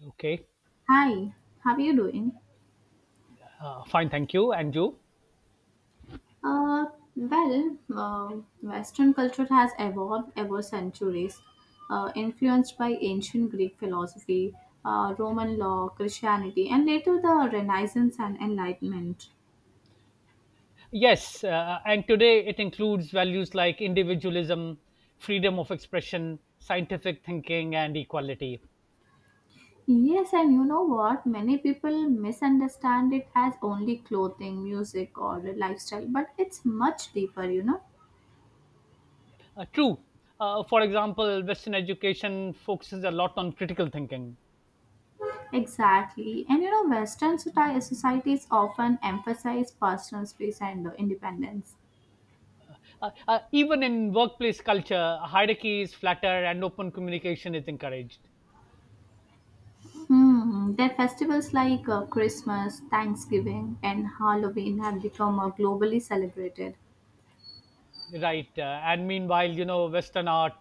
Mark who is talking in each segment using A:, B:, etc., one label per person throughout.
A: Okay,
B: Hi, how are you doing?
A: fine, thank you, and you?
B: Uh, well, uh, Western culture has evolved over centuries, influenced by ancient Greek philosophy, Roman law, Christianity, and later the Renaissance and Enlightenment.
A: Yes, and today it includes values like individualism, freedom of expression, scientific thinking, and equality.
B: Yes, and you know what? Many people misunderstand it as only clothing, music, or lifestyle, but it's much deeper, you know?
A: True. For example, Western education focuses a lot on critical thinking.
B: Exactly. And you know, societies often emphasize personal space and independence.
A: Even in workplace culture, hierarchy is flatter and open communication is encouraged.
B: Hmm, their festivals like Christmas, Thanksgiving, and Halloween have become globally celebrated.
A: Right. And meanwhile, Western art,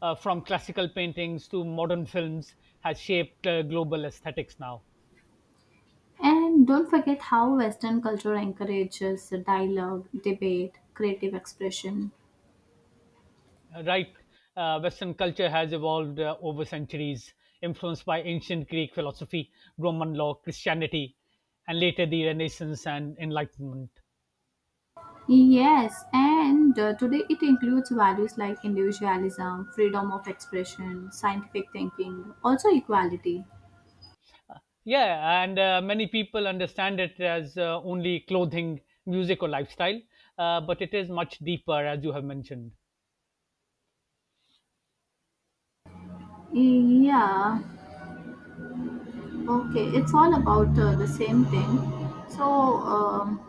A: from classical paintings to modern films, has shaped global aesthetics now.
B: And don't forget how Western culture encourages dialogue, debate, creative expression.
A: Right. Western culture has evolved over centuries, influenced by ancient Greek philosophy, Roman law, Christianity, and later the Renaissance and Enlightenment.
B: Yes, and today it includes values like individualism, freedom of expression, scientific thinking, also equality.
A: Yeah, and many people understand it as only clothing, music, or lifestyle, but it is much deeper, as you have mentioned.
B: Yeah, okay, it's all about the same thing. So,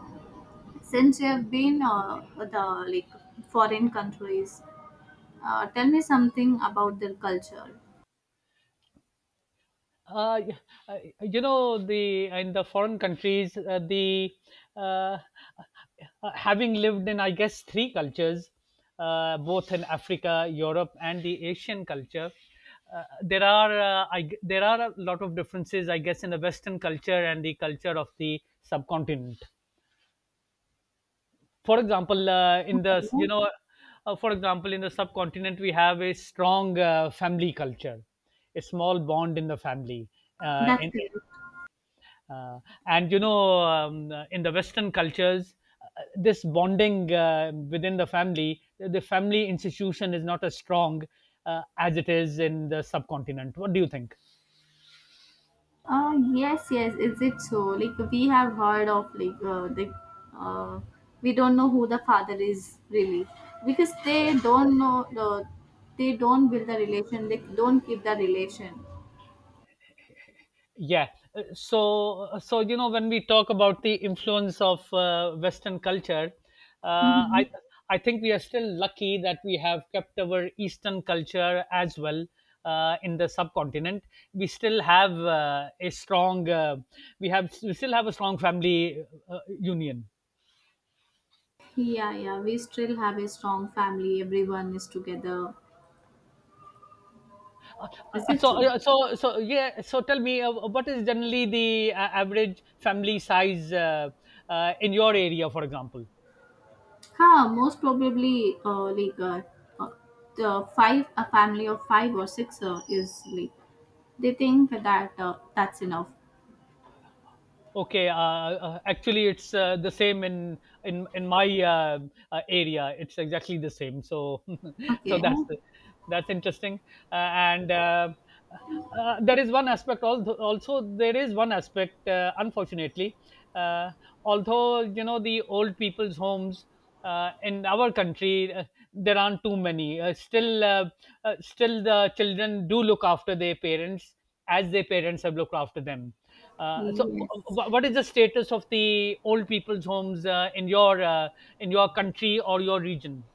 B: since you have been the like foreign countries tell me something about their culture.
A: Uh, y- you know the in the foreign countries the uh, uh, having lived in, I guess, three cultures, both in Africa, Europe, and the Asian culture. There are a lot of differences, I guess, in the Western culture and the culture of the subcontinent. For example, in the you know, for example, in the subcontinent we have a strong family culture, a small bond in the family. Uh,
B: That's
A: in,
B: correct.
A: uh, in the Western cultures, uh, this bonding within the family institution is not as strong as it is in the subcontinent. What do you think?
B: Yes, is it so? Like we have heard of like the uh, we don't know who the father is, really, because they
A: Yeah.
B: don't know they don't build the relation, they don't keep the relation.
A: Yeah. So, when we talk about the influence of Western culture, uh,
B: Hmm.
A: I I think we are still lucky that we have kept our Eastern culture as well in the subcontinent. We still have a strong, we still have a strong family union.
B: Yeah, yeah, we still have a strong family, everyone is together.
A: Uh,
B: Is it
A: so,
B: so?
A: so, so, yeah. So, tell me, what is generally the average family size in your area, for example?
B: Most probably, like uh, the five, a family of five or six is like they think that that's enough.
A: Okay, actually, it's the same in my area. It's exactly the same. So, so
B: Okay.
A: that's interesting. And there is one aspect. Although, also, there is one aspect. Unfortunately, uh, although the old people's homes in our country, there aren't too many. Still, still the children do look after their parents as their parents have looked after them. Uh, so, wh-
B: Yes.
A: wh- what is the status of the old people's homes in your country or your region?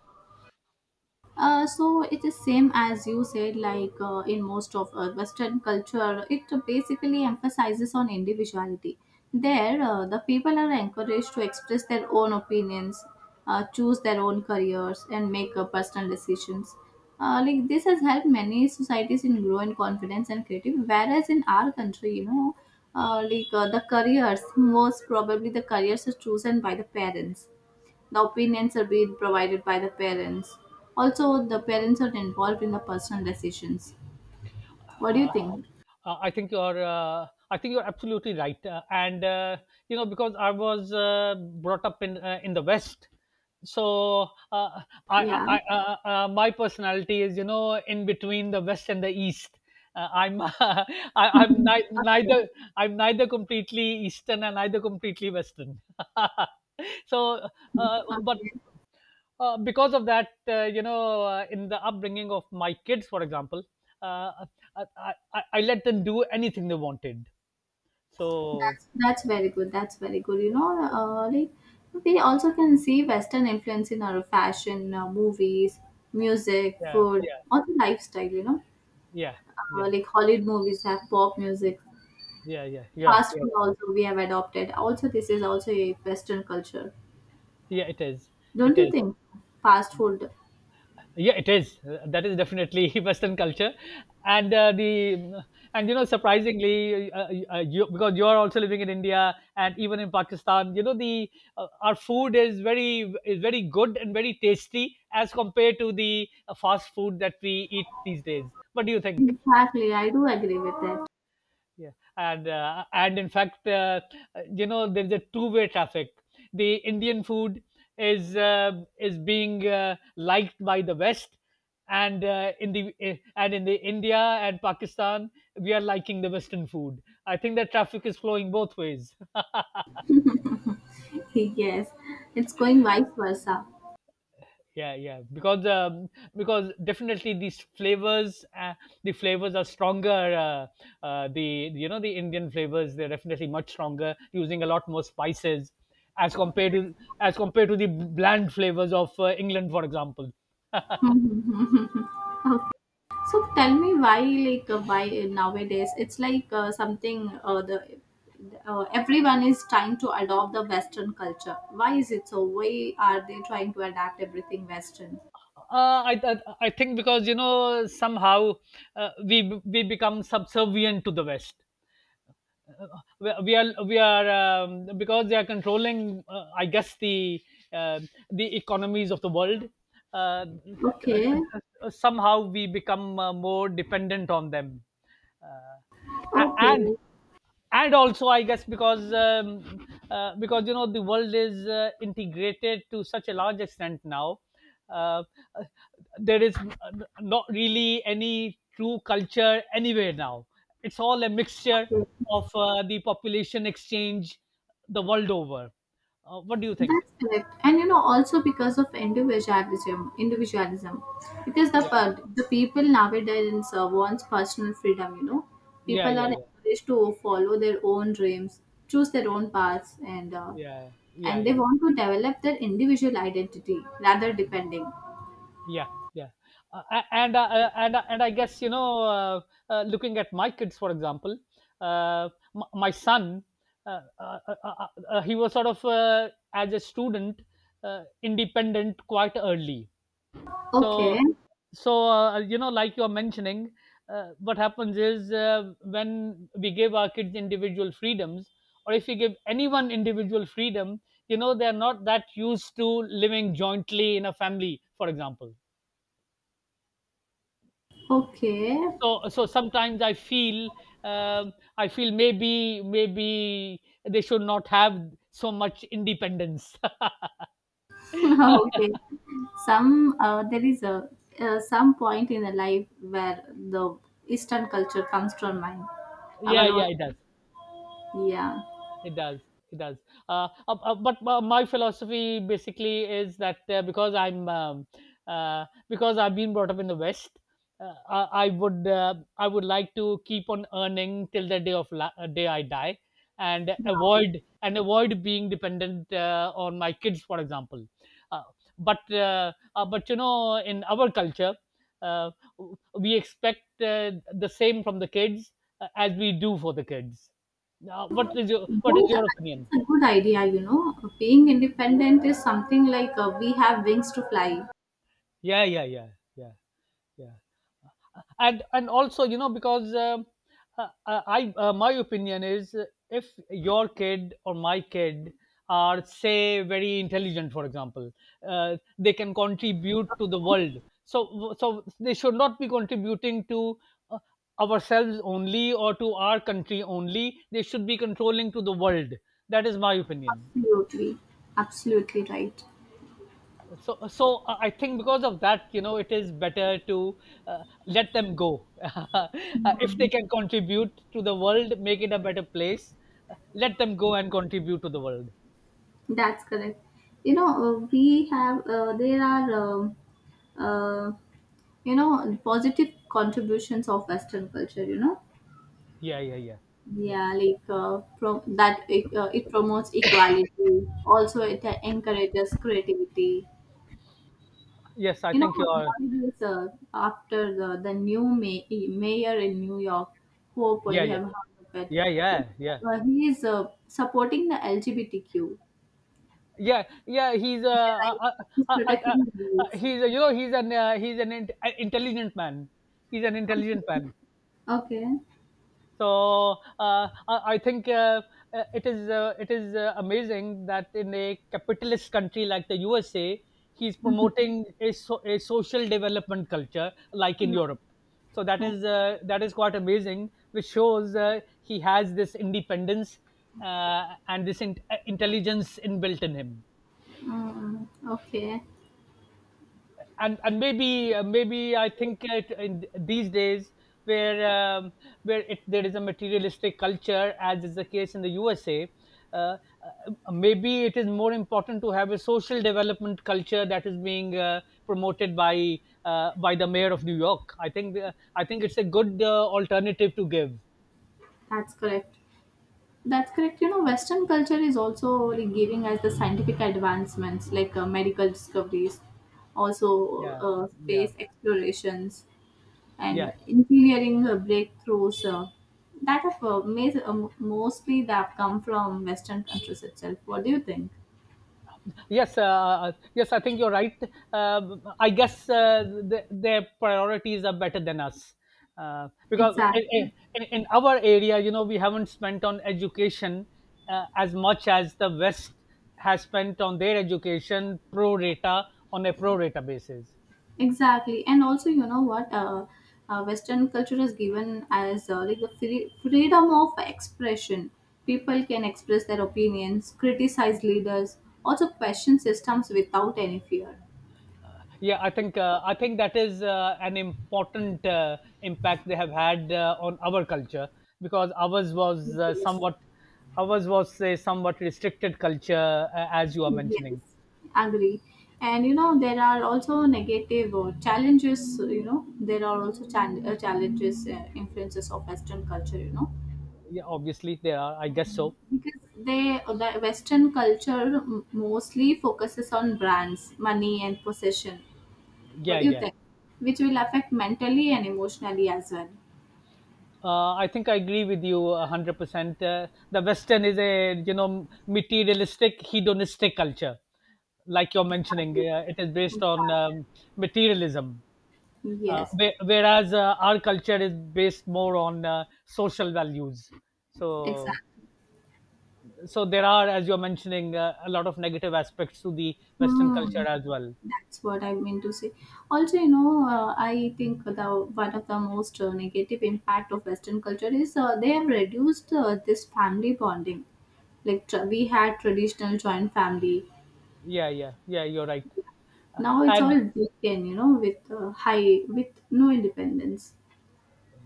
B: So it is same as you said. Like in most of western culture, it basically emphasizes on individuality. There the people are encouraged to express their own opinions, choose their own careers and make personal decisions. Like this has helped many societies in growing confidence and creativity, whereas in our country, you know, like the careers most probably the careers are chosen by the parents, the opinions are being provided by the parents. Also, the parents are involved in the personal decisions. What do you
A: Uh,
B: think?
A: I think you're. I think you're absolutely right, and you know, because I was brought up in the West, so uh,
B: Yeah.
A: I my personality is, you know, in between the West and the East. I'm I'm ni-
B: Okay.
A: neither I'm neither completely Eastern and neither completely Western. so, uh, but
B: Okay.
A: uh, because of that, you know, in the upbringing of my kids, for example, uh, I, I, I let them do anything they wanted. So,
B: That's very good. That's very good. You know, like we also can see Western influence in our fashion, movies, music,
A: yeah,
B: food,
A: yeah,
B: or the lifestyle. You know,
A: yeah, yeah,
B: like Hollywood movies have pop music.
A: yeah, yeah, yeah,
B: Fast
A: yeah.
B: food also we have adopted. Also, this is also a Western culture.
A: Yeah, it is. It
B: Don't you
A: is.
B: think? Fast food.
A: Yeah, it is. That is definitely Western culture, and uh, the and you know, surprisingly, you, because you are also living in India and even in Pakistan, you know, the our food is very good and very tasty as compared to the fast food that we eat these days. What do you think?
B: Exactly, I do agree with it.
A: Yeah, and in fact, you know, there's a two-way traffic. The Indian food is uh, is being liked by the West, and in the eh, and in the India and Pakistan we are liking the Western food. I think that traffic is flowing both ways.
B: Yes, it's going vice versa.
A: Yeah, yeah, because definitely these flavors, the flavors are stronger. Uh, uh, the you know the Indian flavors, they're definitely much stronger, using a lot more spices as compared to the bland flavors of England, for example.
B: Okay. So tell me why, like, why nowadays it's like something the everyone is trying to adopt the Western culture. Why is it so? Why are they trying to adapt everything Western?
A: I think because, you know, somehow we become subservient to the West. We are because they are controlling, I guess, the uh, economies of the world. Uh,
B: Okay,
A: somehow we become more dependent on them, and
B: okay.
A: and also, I guess, because because, you know, the world is integrated to such a large extent now uh, uh, there is not really any true culture anywhere now. It's all a mixture
B: Okay.
A: of the population exchange the world over. What do you think?
B: That's correct, and you know, also because of individualism, individualism, because
A: Yeah,
B: the people nowadays wants personal freedom. You know,
A: yeah,
B: people are
A: yeah, yeah,
B: encouraged to follow their own dreams, choose their own paths,
A: yeah, yeah,
B: and they
A: yeah,
B: want to develop their individual identity rather depending.
A: yeah, yeah. And I guess, you know, looking at my kids, for example, uh, my son, he was sort of, as a student, independent quite early. So,
B: Okay,
A: so, you know, like you're mentioning, what happens is, when we give our kids individual freedoms, or if we give anyone individual freedom, you know, they're not that used to living jointly in a family, for example.
B: okay,
A: So, so sometimes I feel maybe, maybe they should not have so much independence.
B: okay. Some There is a some point in the life where the Eastern culture comes to our mind,
A: Yeah,
B: our own.
A: yeah, it does.
B: Yeah.
A: It does. It does. But my philosophy basically is that, because I'm, because I've been brought up in the West, I would like to keep on earning till the day I die, and avoid being dependent on my kids, for example. Uh, but uh, uh, but, you know, in our culture, uh, we expect the same from the kids as we do for the kids. Now, what is your
B: Good.
A: opinion?
B: It's a good idea, you know. Being independent is something like we have wings to fly.
A: Yeah, yeah, yeah, yeah, yeah. And also, you know, because I my opinion is, if your kid or my kid are, say, very intelligent, for example, they can contribute to the world. So they should not be contributing to... Uh, ourselves only or to our country only. They should be controlling to the world. That is my opinion.
B: Absolutely. Absolutely right.
A: So, I think, because of that, you know, it is better to let them go. uh, if
B: Hmm.
A: they can contribute to the world, make it a better place, let them go and contribute to the world.
B: That's correct. You know, there are, uh, you know, positive contributions of Western culture, you know.
A: Yeah, yeah, yeah, yeah,
B: Yeah, like that it, it promotes equality. Also, it encourages creativity.
A: yes, I
B: You know,
A: think you are.
B: nowadays, after the mayor in New York, Hope,
A: Yeah,
B: you have
A: yeah,
B: heard of it,
A: yeah, yeah, yeah,
B: he is supporting the LGBTQ.
A: yeah, yeah. He's a,
B: Their rights.
A: uh,
B: He's
A: uh, uh,
B: protecting the rights.
A: he's a, you know, he's an, he's an intelligent man. He's an intelligent
B: Okay.
A: man.
B: Okay.
A: So, I think, it is amazing that in a capitalist country like the USA he's promoting a, so, a social development culture like in
B: Mm-hmm.
A: Europe.
B: Mm-hmm.
A: So that
B: Okay.
A: is that is quite amazing, which shows he has this independence and this intelligence inbuilt in him.
B: Mm, okay.
A: And maybe, maybe I think, it, in these days where um, where there is a materialistic culture, as is the case in the USA, uh, uh, maybe it is more important to have a social development culture that is being promoted by by the mayor of New York. I think it's a good alternative to give.
B: That's correct. That's correct. You know, Western culture is also like giving us the scientific advancements like medical discoveries, also
A: Yeah, yeah,
B: space explorations and
A: yeah.
B: engineering breakthroughs that mostly that come from Western countries itself. What do you think?
A: Yes, I think you're right. I guess their priorities are better than us. Because in,
B: Exactly,
A: in, in our area, you know, we haven't spent on education as much as the West has spent on their education pro rata, on a pro rata basis.
B: exactly, and also you know what? Western culture is given as like the freedom of expression. People can express their opinions, criticize leaders, also question systems without any fear.
A: Yeah, I think that is an important impact they have had on our culture, because ours was
B: Yes.
A: somewhat, ours was, say, somewhat restricted culture, as you are
B: Yes,
A: mentioning.
B: agree. And you know, there are also negative challenges. You know, there are also challenges, influences of Western culture, you know,
A: Yeah, obviously there are. I guess so.
B: because the Western culture mostly focuses on brands, money, and possession. What
A: Yeah,
B: do you
A: yeah.
B: think? Which will affect mentally and emotionally as well.
A: I think I agree with you 100%. The Western is a, materialistic, hedonistic culture, like you're mentioning. It is based on,
B: Exactly.
A: materialism, uh,
B: Yes,
A: whe- whereas uh, our culture is based more on social values. So so there are, as you're mentioning, a lot of negative aspects to the Western
B: exactly.
A: culture as well.
B: That's what I mean to say. Also, you know, I think the one of the most negative impact of Western culture is they have reduced this family bonding. Like we had traditional joint family,
A: Yeah, yeah, yeah, you're right. Uh,
B: now it's
A: and
B: all broken. You know, with high with no independence.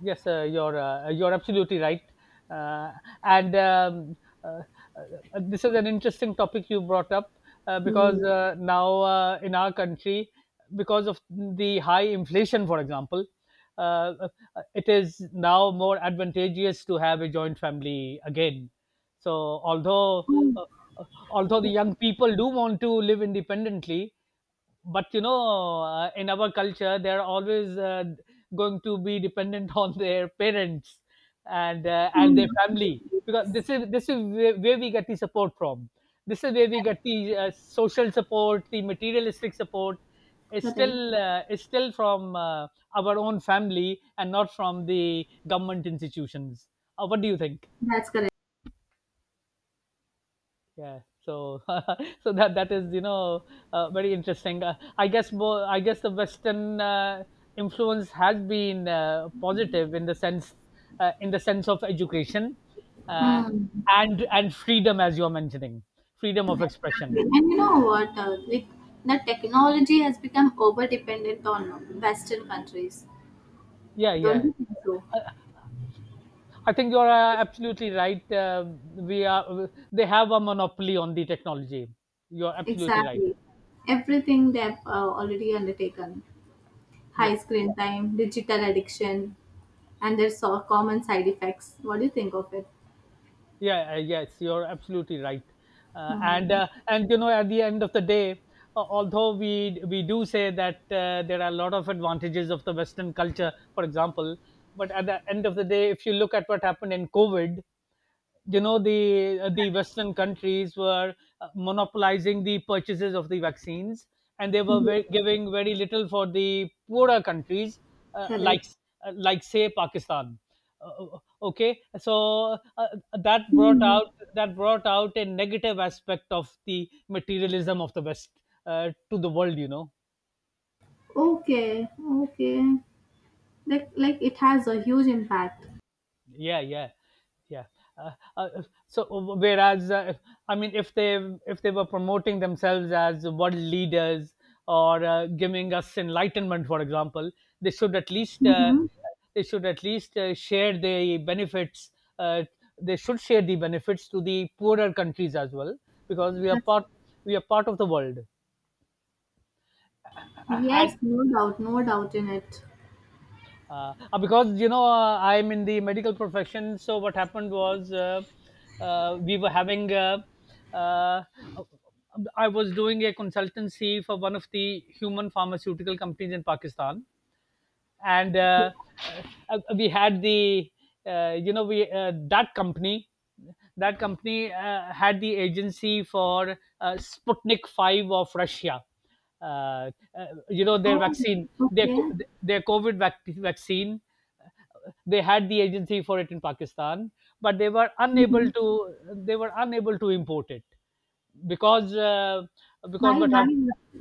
A: yes, uh, you're you're absolutely right. Uh, and uh, this is an interesting topic you brought up, because
B: Mm.
A: now, in our country, because of the high inflation, for example, uh, uh, it is now more advantageous to have a joint family again. So although
B: Oh,
A: uh, uh, although the young people do want to live independently, but in our culture they're always going to be dependent on their parents and
B: mm,
A: their family because
B: yes,
A: this is where we get the support from. This is where we get the social support. The materialistic support is
B: correct.
A: still from our own family and not from the government institutions. What do you think?
B: That's correct.
A: Yeah, so so that is, very interesting. I guess the western influence has been positive in the sense, in the sense of education uh,
B: Mm,
A: and freedom, as you're mentioning. Freedom of
B: exactly.
A: expression.
B: And you know what? Like the technology has become over dependent on Western countries.
A: Yeah,
B: Don't
A: yeah.
B: you think so?
A: I think you're absolutely right. We are, they have a monopoly on the technology. You're absolutely right.
B: Exactly. Everything they've already undertaken high
A: Yeah,
B: screen time, digital addiction, and their so common side effects. What do you think of it?
A: yeah. Yes, you're absolutely right.
B: Hmm.
A: And you know, at the end of the day, although we do say that there are a lot of advantages of the western culture, for example, but at the end of the day, if you look at what happened in covid, you know, the western countries were monopolizing the purchases of the vaccines, and they were
B: Yeah,
A: very, giving very little for the poorer countries.
B: correct.
A: Like, like say pakistan. Okay, so that brought
B: Hmm.
A: out, that brought out a negative aspect of the materialism of the west to the world, you know.
B: Okay, okay. Like it has a huge impact.
A: Yeah, yeah, yeah. uh, uh, so whereas I mean, if they, if they were promoting themselves as world leaders or giving us enlightenment, for example, they should at least
B: Mm-hmm.
A: share the benefits. uh, they should share the benefits to the poorer countries as well, because we are
B: That's,
A: part, we are part of the world. And
B: yes, no doubt, no doubt in it.
A: Because you know, I'm in the medical profession, so what happened was we were having uh, I was doing a consultancy for one of the human pharmaceutical companies in pakistan. And We had the you know, we that company had the agency for Sputnik 5 of Russia. Uh, you know, their
B: Oh,
A: vaccine,
B: okay.
A: their COVID vaccine. They had the agency for it in Pakistan, but they were unable
B: Mm-hmm.
A: to, they were unable to import it. because uh, because
B: Why,
A: what
B: why,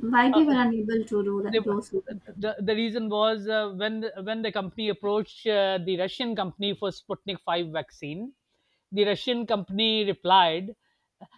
B: why they were unable to do that,
A: they
B: do so?
A: the reason was, when the company approached the Russian company for Sputnik 5 vaccine, the Russian company replied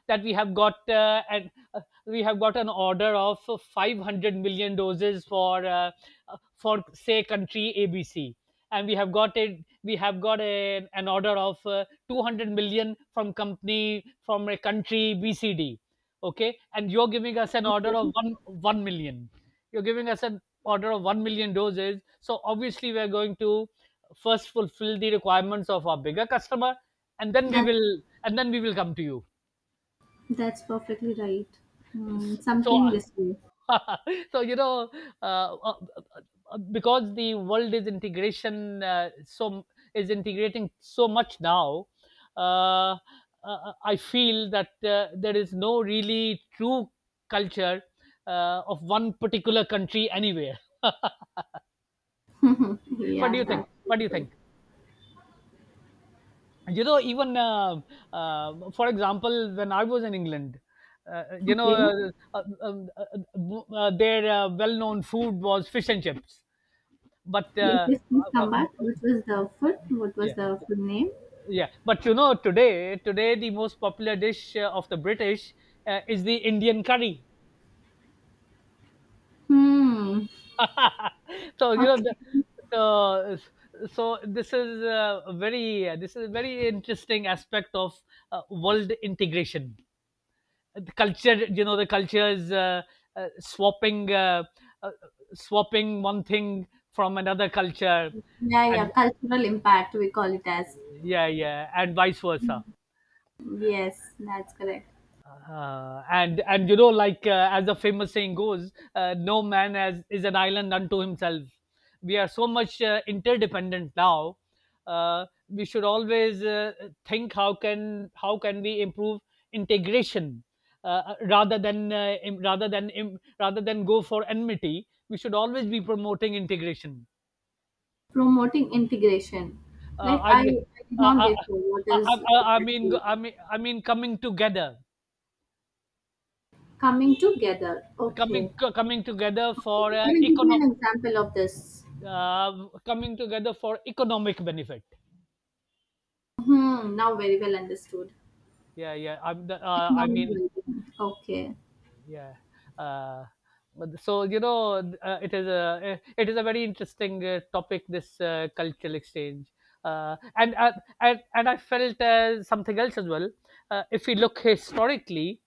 A: that we have got we have got an order of 500 million doses for say country ABC, and we have got a we have got a, an order of 200 million from company from a country BCD. Okay, and you're giving us an order
B: Okay,
A: of one million, you're giving us an order of 1 million doses, so obviously we're going to first fulfill the requirements of our bigger customer, and then we
B: that.
A: will, and then we will come to you.
B: That's perfectly right. Mm,
A: So
B: something this way.
A: so you know, uh, uh, because the world is integration so is integrating so much now. I feel that there is no really true culture of one particular country anywhere. What do
B: Yeah,
A: you think?
B: that's true.
A: You know, even for example, when I was in england, you know
B: Okay.
A: uh, um, uh, their well-known food was fish and chips, but
B: Yes, yes, please
A: uh, uh,
B: come back. What was the food? What was
A: yeah,
B: the food name?
A: yeah. But you know, today, the most popular dish of the british is the indian curry.
B: Hmm.
A: So you know, the,
B: Okay.
A: so so this is a very this is a very interesting aspect of world integration. The culture, you know, the culture is swapping, uh, swapping one thing from another culture.
B: Yeah,
A: And
B: yeah. Cultural impact, we call it as.
A: yeah, yeah, and vice versa.
B: Yes, that's correct.
A: And you know, like, as the famous saying goes, no man has, is an island unto himself. We are so much interdependent now. We should always think how can, how can we improve integration, rather than im- rather than im- rather than go for enmity. We should always be promoting integration.
B: Promoting integration.
A: I mean,
B: I did
A: uh,
B: not
A: I,
B: get you. What
A: I,
B: is it
A: I mean,
B: actually?
A: coming together,
B: Coming together. Okay.
A: coming together
B: Okay.
A: for
B: Can you give me
A: economic
B: an example of this?
A: coming together for economic benefit.
B: Hmm. Now, very well understood.
A: Yeah, yeah. I
B: Economic
A: mean,
B: well being. Okay.
A: yeah. Uh, but so you know, it is a very interesting topic, this cultural exchange, uh, and, uh, and I felt something else as well. If we look historically,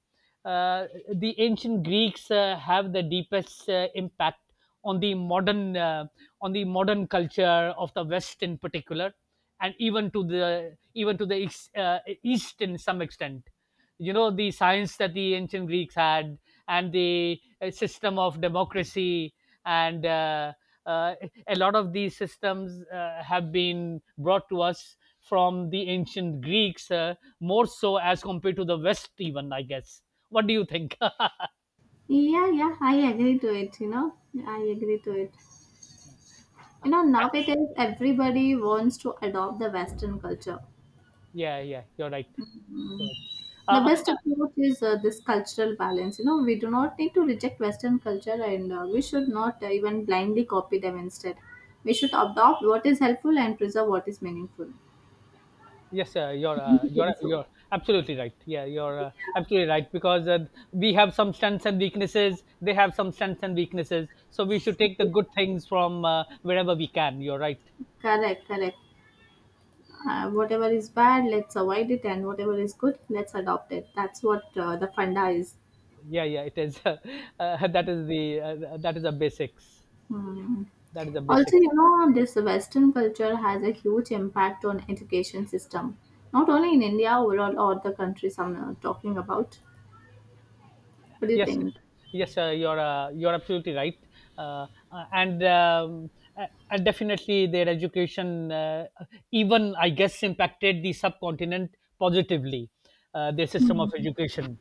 A: the ancient Greeks have the deepest impact on the modern uh, on the modern culture of the West in particular, and even to the East in some extent. You know, the science that the ancient Greeks had, and the system of democracy, and uh, a lot of these systems have been brought to us from the ancient Greeks, more so as compared to the West, even I guess. What do you think?
B: Yeah, yeah, I agree to it, you know. I agree to it. You know, nowadays everybody wants to adopt the Western culture.
A: Yeah, yeah, you're right.
B: Mm.
A: You're
B: The
A: right. Uh,
B: best approach is this cultural balance. You know, we do not need to reject Western culture and we should not even blindly copy them instead. We should adopt what is helpful and preserve what is meaningful.
A: Yes, you're
B: Don't you think so?
A: you're absolutely right. Yeah, you're absolutely right, because we have some strengths and weaknesses. They have some strengths and weaknesses. So we should take the
B: Yeah.
A: good things from wherever we can. You're right.
B: Correct, correct. Whatever is bad, let's avoid it, and whatever is good, let's adopt it. That's what the funda is.
A: Yeah, yeah, it is. That is the that is the basics.
B: Hmm.
A: That is the
B: Also,
A: basics.
B: you know, this Western culture has a huge impact on education system, not only in India overall or the countries I'm talking about. What do you
A: Yes,
B: think?
A: yes, you're absolutely right. And A- and definitely their education, even I guess, impacted the subcontinent positively. Their system of
B: Hmm,
A: education.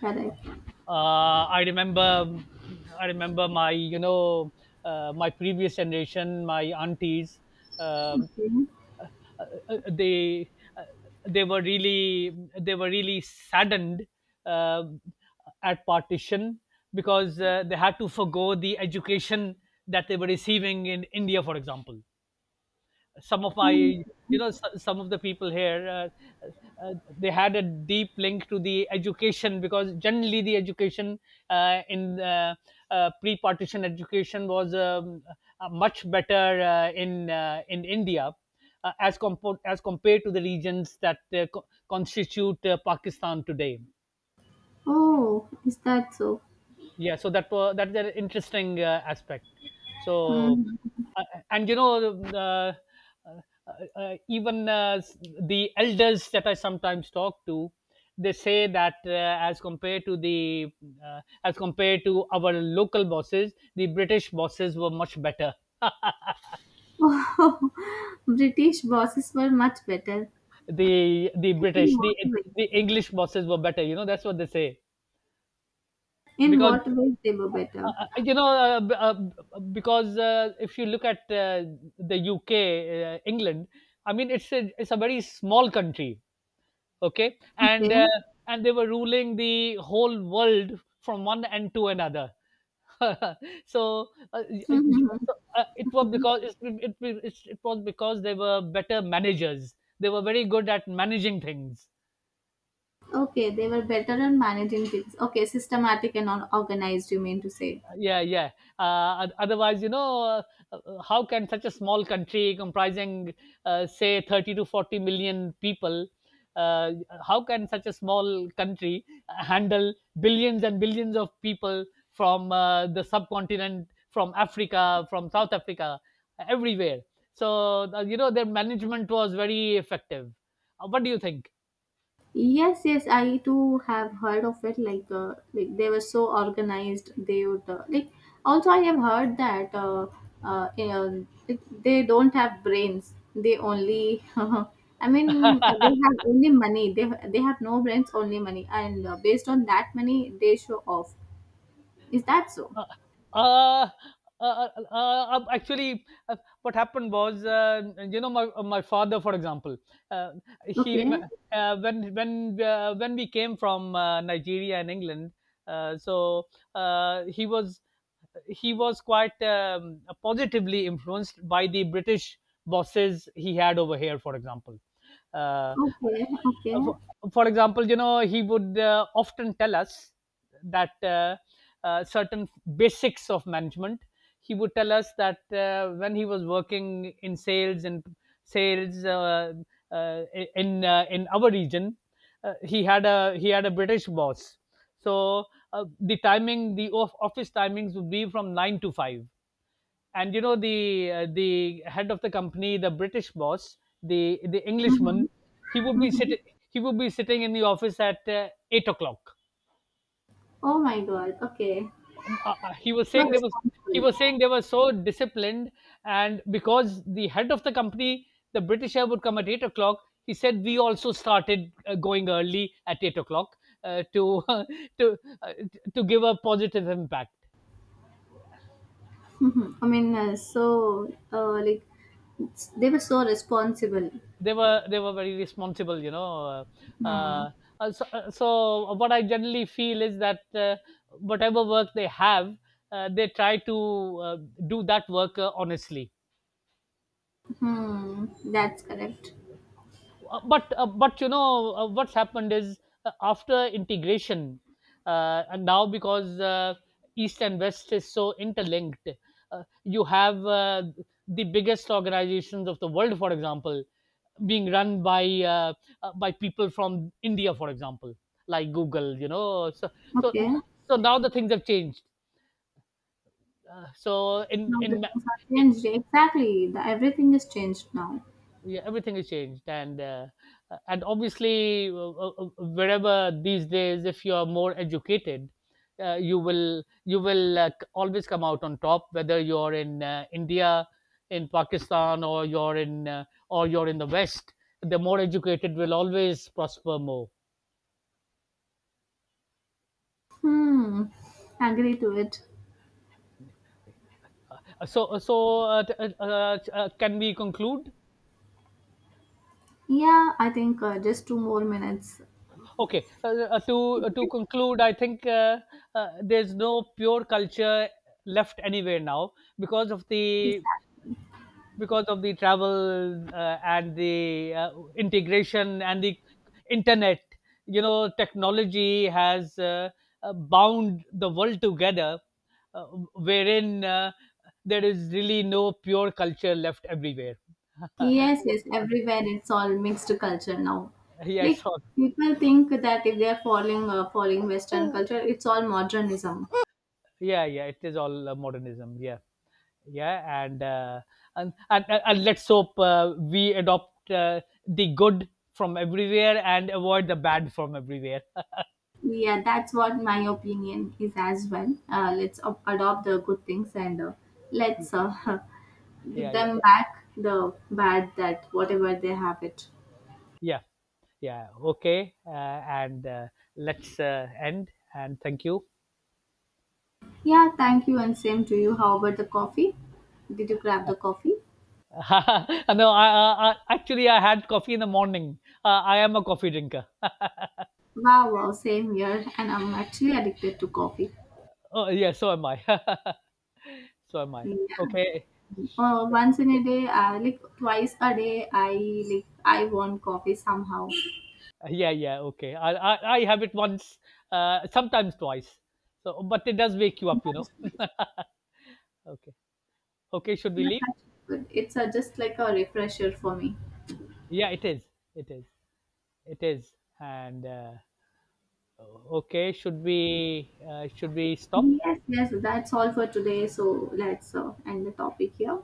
B: correct.
A: I remember, I remember my, you know, my previous generation, my aunties. Um,
B: Okay.
A: they uh, they were really, they were really saddened uh, at partition because they had to forgo the education that they were receiving in India, for example. Some of my,
B: Oh,
A: some of the people here, uh, they had a deep link to the education because generally the education in pre-partition education was much better in India as compared to the regions that constitute Pakistan today.
B: oh, is that so?
A: Yeah, so that's an interesting aspect. So,
B: Mhm.
A: uh, and you know, the elders that I sometimes talk to, they say that as compared to our local bosses, the British bosses were much better.
B: Oh, British bosses were much better.
A: The
B: Like in
A: British, the
B: what ways?
A: the English bosses were better. You know, that's what they say,
B: In
A: because
B: what ways they were better?
A: you know, b- b- because if you look at the UK, England, I mean, it's a very small country, okay,
B: Okay.
A: and they were ruling the whole world from one end to another. so, uh, y- y-
B: Mm-hmm.
A: so, it was
B: Okay.
A: because it was because they were better managers. They were very good at managing things.
B: Okay, they were better on managing things. Okay, systematic and all organized, you mean to say.
A: Yeah, yeah. Otherwise, you know, how can such a small country comprising say 30 to 40 million people, uh, how can such a small country handle billions and billions of people from the subcontinent, from africa, from south africa, everywhere? So you know, their management was very effective. What do you think?
B: Yes, yes, I too have heard of it. Like they were so organized. They would like. Also, I have heard that like, they don't have brains. They only, I mean, they have only money. They have no brains, only money, and based on that money, they show off. Is that so?
A: Uh, uh, Actually, what happened was, you know, my my father, for example, uh, he
B: Okay,
A: when when we came from Nigeria and England, uh, so he was, he was quite positively influenced by the British bosses he had over here, for example. Uh,
B: okay, okay.
A: for, for example, you know, he would often tell us that certain basics of management. He would tell us that when he was working in sales and sales uh, in our region, he had a, he had a British boss. So the office timings would be from 9 to 5, and you know, the head of the company, the british boss, the
B: Mm-hmm.
A: englishman, he would be
B: Mm-hmm.
A: sitting, he would be sitting in the office at 8 o'clock.
B: Oh my God. Okay,
A: Um, uh, uh, he was
B: so
A: saying they was he
B: responsible.
A: was saying they were so disciplined, and because the head of the company, the britisher, would come at 8 o'clock, he said we also started going early at 8 o'clock to to uh, to give a positive impact.
B: Hmm, I mean, like it's- they were so responsible.
A: They were, they were very responsible, you know.
B: Hmm.
A: So, so what I generally feel is that whatever work they have, they try to do that work honestly.
B: Hmm, that's correct.
A: But you know, what's happened is, after integration, and now because east and west is so interlinked, uh, you have the biggest organizations of the world, for example, being run by people from India, for example, like Google. You know, so, so,
B: Okay,
A: so now the things have changed. Uh, so in
B: now the
A: in ma-
B: things are changed. Exactly, the, everything is changed now.
A: yeah, everything has changed, and obviously wherever these days, if you are more educated, you will, you will always come out on top, whether you're in India, in Pakistan, or you're in the West. The more educated will always prosper more.
B: Hmm, agree to it.
A: So, so can we conclude?
B: Yeah, I think just 2 more minutes.
A: Okay, to conclude, I think there's no pure culture left anywhere now because of the,
B: Exactly.
A: because of the travel and the integration and the internet. You know, technology has bound the world together, uh, wherein there is really no pure culture left everywhere.
B: Yes, yes, everywhere it's all mixed culture now.
A: Yes,
B: Like
A: sir.
B: people think that if they are following Western culture, it's all modernism.
A: Yeah, yeah, it is all modernism. Yeah, yeah. And and let's hope we adopt the good from everywhere and avoid the bad from everywhere.
B: Yeah, that's what my opinion is as well. Let's adopt the good things and let's give
A: Yeah, yeah,
B: them back the bad that whatever they have it.
A: yeah, yeah. Okay. And Let's end and thank you.
B: Yeah, thank you, and same to you. How about the coffee? Did you grab the coffee?
A: No, I actually, I had coffee in the morning. I am a coffee drinker.
B: Wow, wow, same here, and I'm actually addicted to coffee.
A: Oh yeah, so am i. So am i.
B: Yeah.
A: Okay.
B: Once in a day, like 2 times a day, I want coffee somehow.
A: Yeah, yeah, okay. I have it once, sometimes twice, so. But it does wake you up, you know.
B: That's nice.
A: Okay. Okay, should we
B: Yeah,
A: leave?
B: that's actually good. It's just like a refresher for me.
A: Yeah, it is, it is, it is. And okay, should we stop?
B: Yes, yes, that's all for today. So let's end the topic here.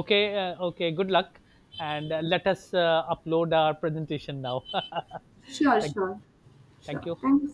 A: Okay, okay, good luck. And let us upload our presentation now.
B: Sure,
A: Thank you.
B: sure,
A: Thank
B: sure.
A: you.
B: Thanks.